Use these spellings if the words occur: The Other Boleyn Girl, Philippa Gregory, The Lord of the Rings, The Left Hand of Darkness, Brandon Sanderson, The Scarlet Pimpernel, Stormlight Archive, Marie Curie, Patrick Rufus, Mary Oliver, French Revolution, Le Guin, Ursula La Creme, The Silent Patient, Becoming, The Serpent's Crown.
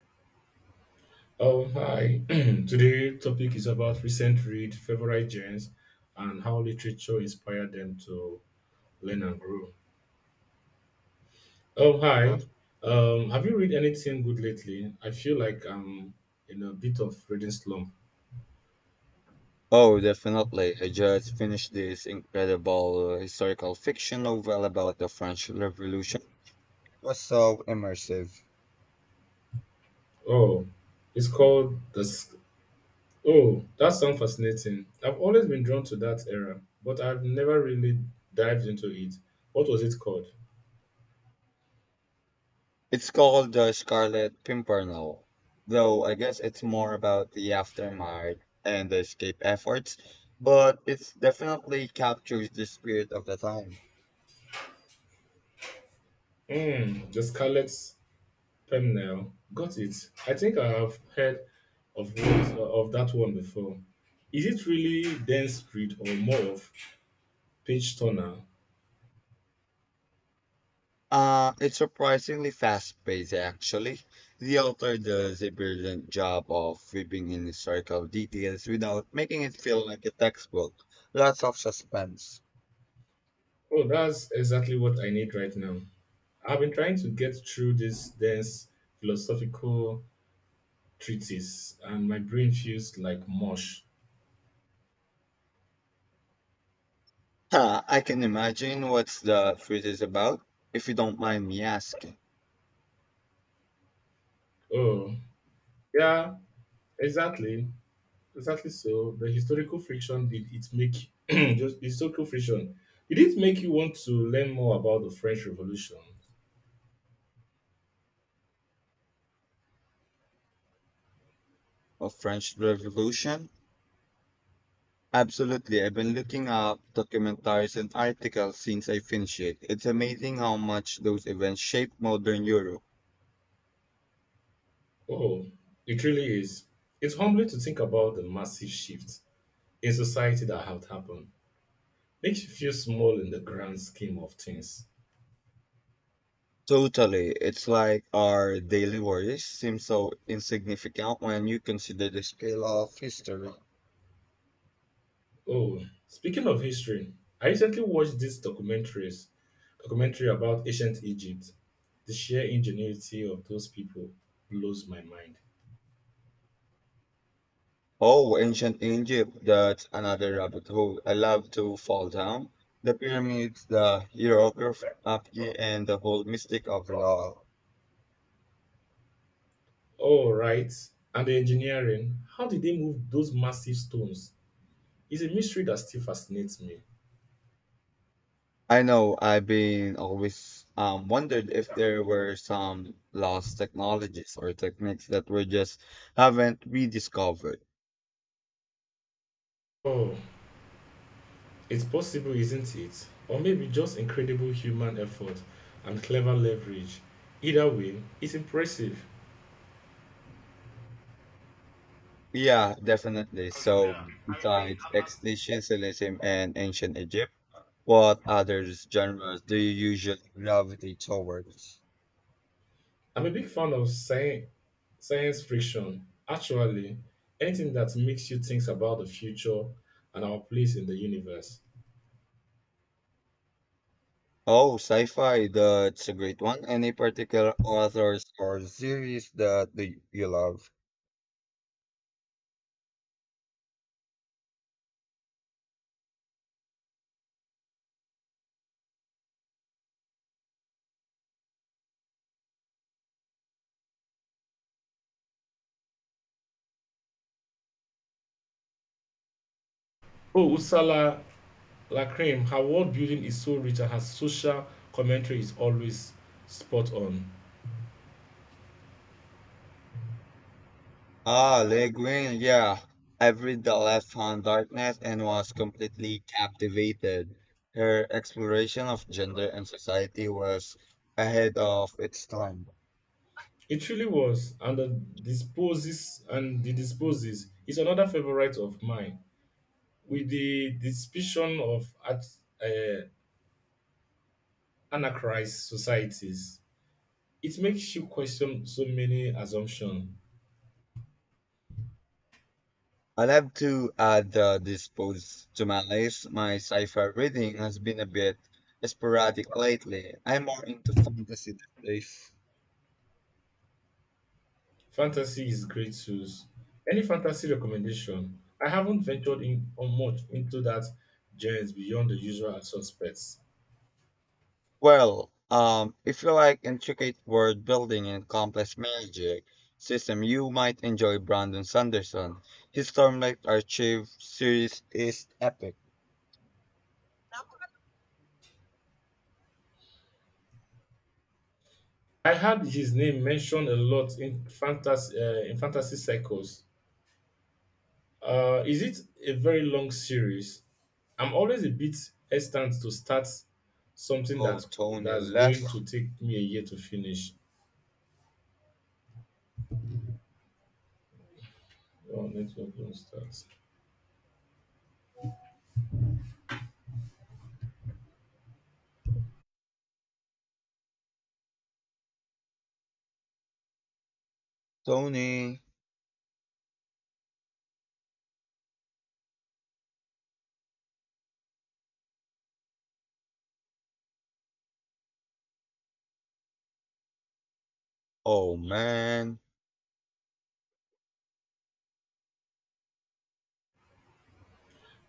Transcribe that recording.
Oh, hi. Today topic is about recent read, favorite genres, and how literature inspired them to learn and grow. Oh, hi. Have you read anything good lately? I feel like I'm in a bit of reading slump. Oh, definitely. I just finished this incredible historical fiction novel about the French Revolution. It was so immersive. Oh, it's called the. S- Oh, that sounds fascinating. I've always been drawn to that era, but I've never really dived into it. What was it called? It's called The Scarlet Pimpernel, though I guess it's more about the aftermath and the escape efforts, but it definitely captures the spirit of the time. Mm, the Scarlet. Thumbnail. Got it. I think I have heard of what, of that one before. Is it really dense read or more of page turner? It's surprisingly fast-paced, actually. The author does a brilliant job of weaving in historical details without making it feel like a textbook. Lots of suspense. Oh, that's exactly what I need right now. I've been trying to get through this dense philosophical treatise, and my brain feels like mush. Huh, I can imagine what the fruit is about, if you don't mind me asking. Oh, yeah, exactly, exactly. So the historical friction did it make just historical friction? Did it make you want to learn more about the French Revolution? Of French Revolution? Absolutely. I've been looking up documentaries and articles since I finished it. It's amazing how much those events shaped modern Europe. Oh, it really is. It's humbling to think about the massive shift in society that have happened. Makes you feel small in the grand scheme of things. Totally. It's like our daily worries seem so insignificant when you consider the scale of history. Oh, speaking of history, I recently watched this documentaries documentary about ancient Egypt. The sheer ingenuity of those people blows my mind. Oh, ancient Egypt, that's another rabbit hole I love to fall down. The pyramids, the hieroglyphy, and the whole mystic of it all. All right, and the engineering. How did they move those massive stones? Is a mystery that still fascinates me. I know I've been always wondered if there were some lost technologies or techniques that were just haven't rediscovered. Oh, it's possible, isn't it? Or maybe just incredible human effort and clever leverage. Either way, it's impressive. Yeah, definitely. So, besides existentialism and ancient Egypt, what other genres do you usually gravitate towards? I'm a big fan of science fiction. Actually, anything that makes you think about the future and our place in the universe. Oh, sci-fi, that's a great one. Any particular authors or series that do you love? Oh, Ursula La Creme, her world building is so rich and her social commentary is always spot on. Ah, Le Guin, yeah. I've read The Left Hand Darkness and was completely captivated. Her exploration of gender and society was ahead of its time. It truly was, and the disposes is another favorite of mine. With the dispersion of at, uh, anachrized societies, it makes you question so many assumptions. I'll have to add this post to my list. My sci-fi reading has been a bit sporadic lately. I'm more into fantasy these days. Fantasy is great tools. Any fantasy recommendation? I haven't ventured in on much into that genre beyond the usual suspects. Well, if you like intricate world building and complex magic system, you might enjoy Brandon Sanderson. His Stormlight Archive series is epic. I heard his name mentioned a lot in fantasy cycles. Is it a very long series? I'm always a bit hesitant to start something Oh, Tony that's left. going to take me a year to finish. Oh, network don't start. Tony. Oh man.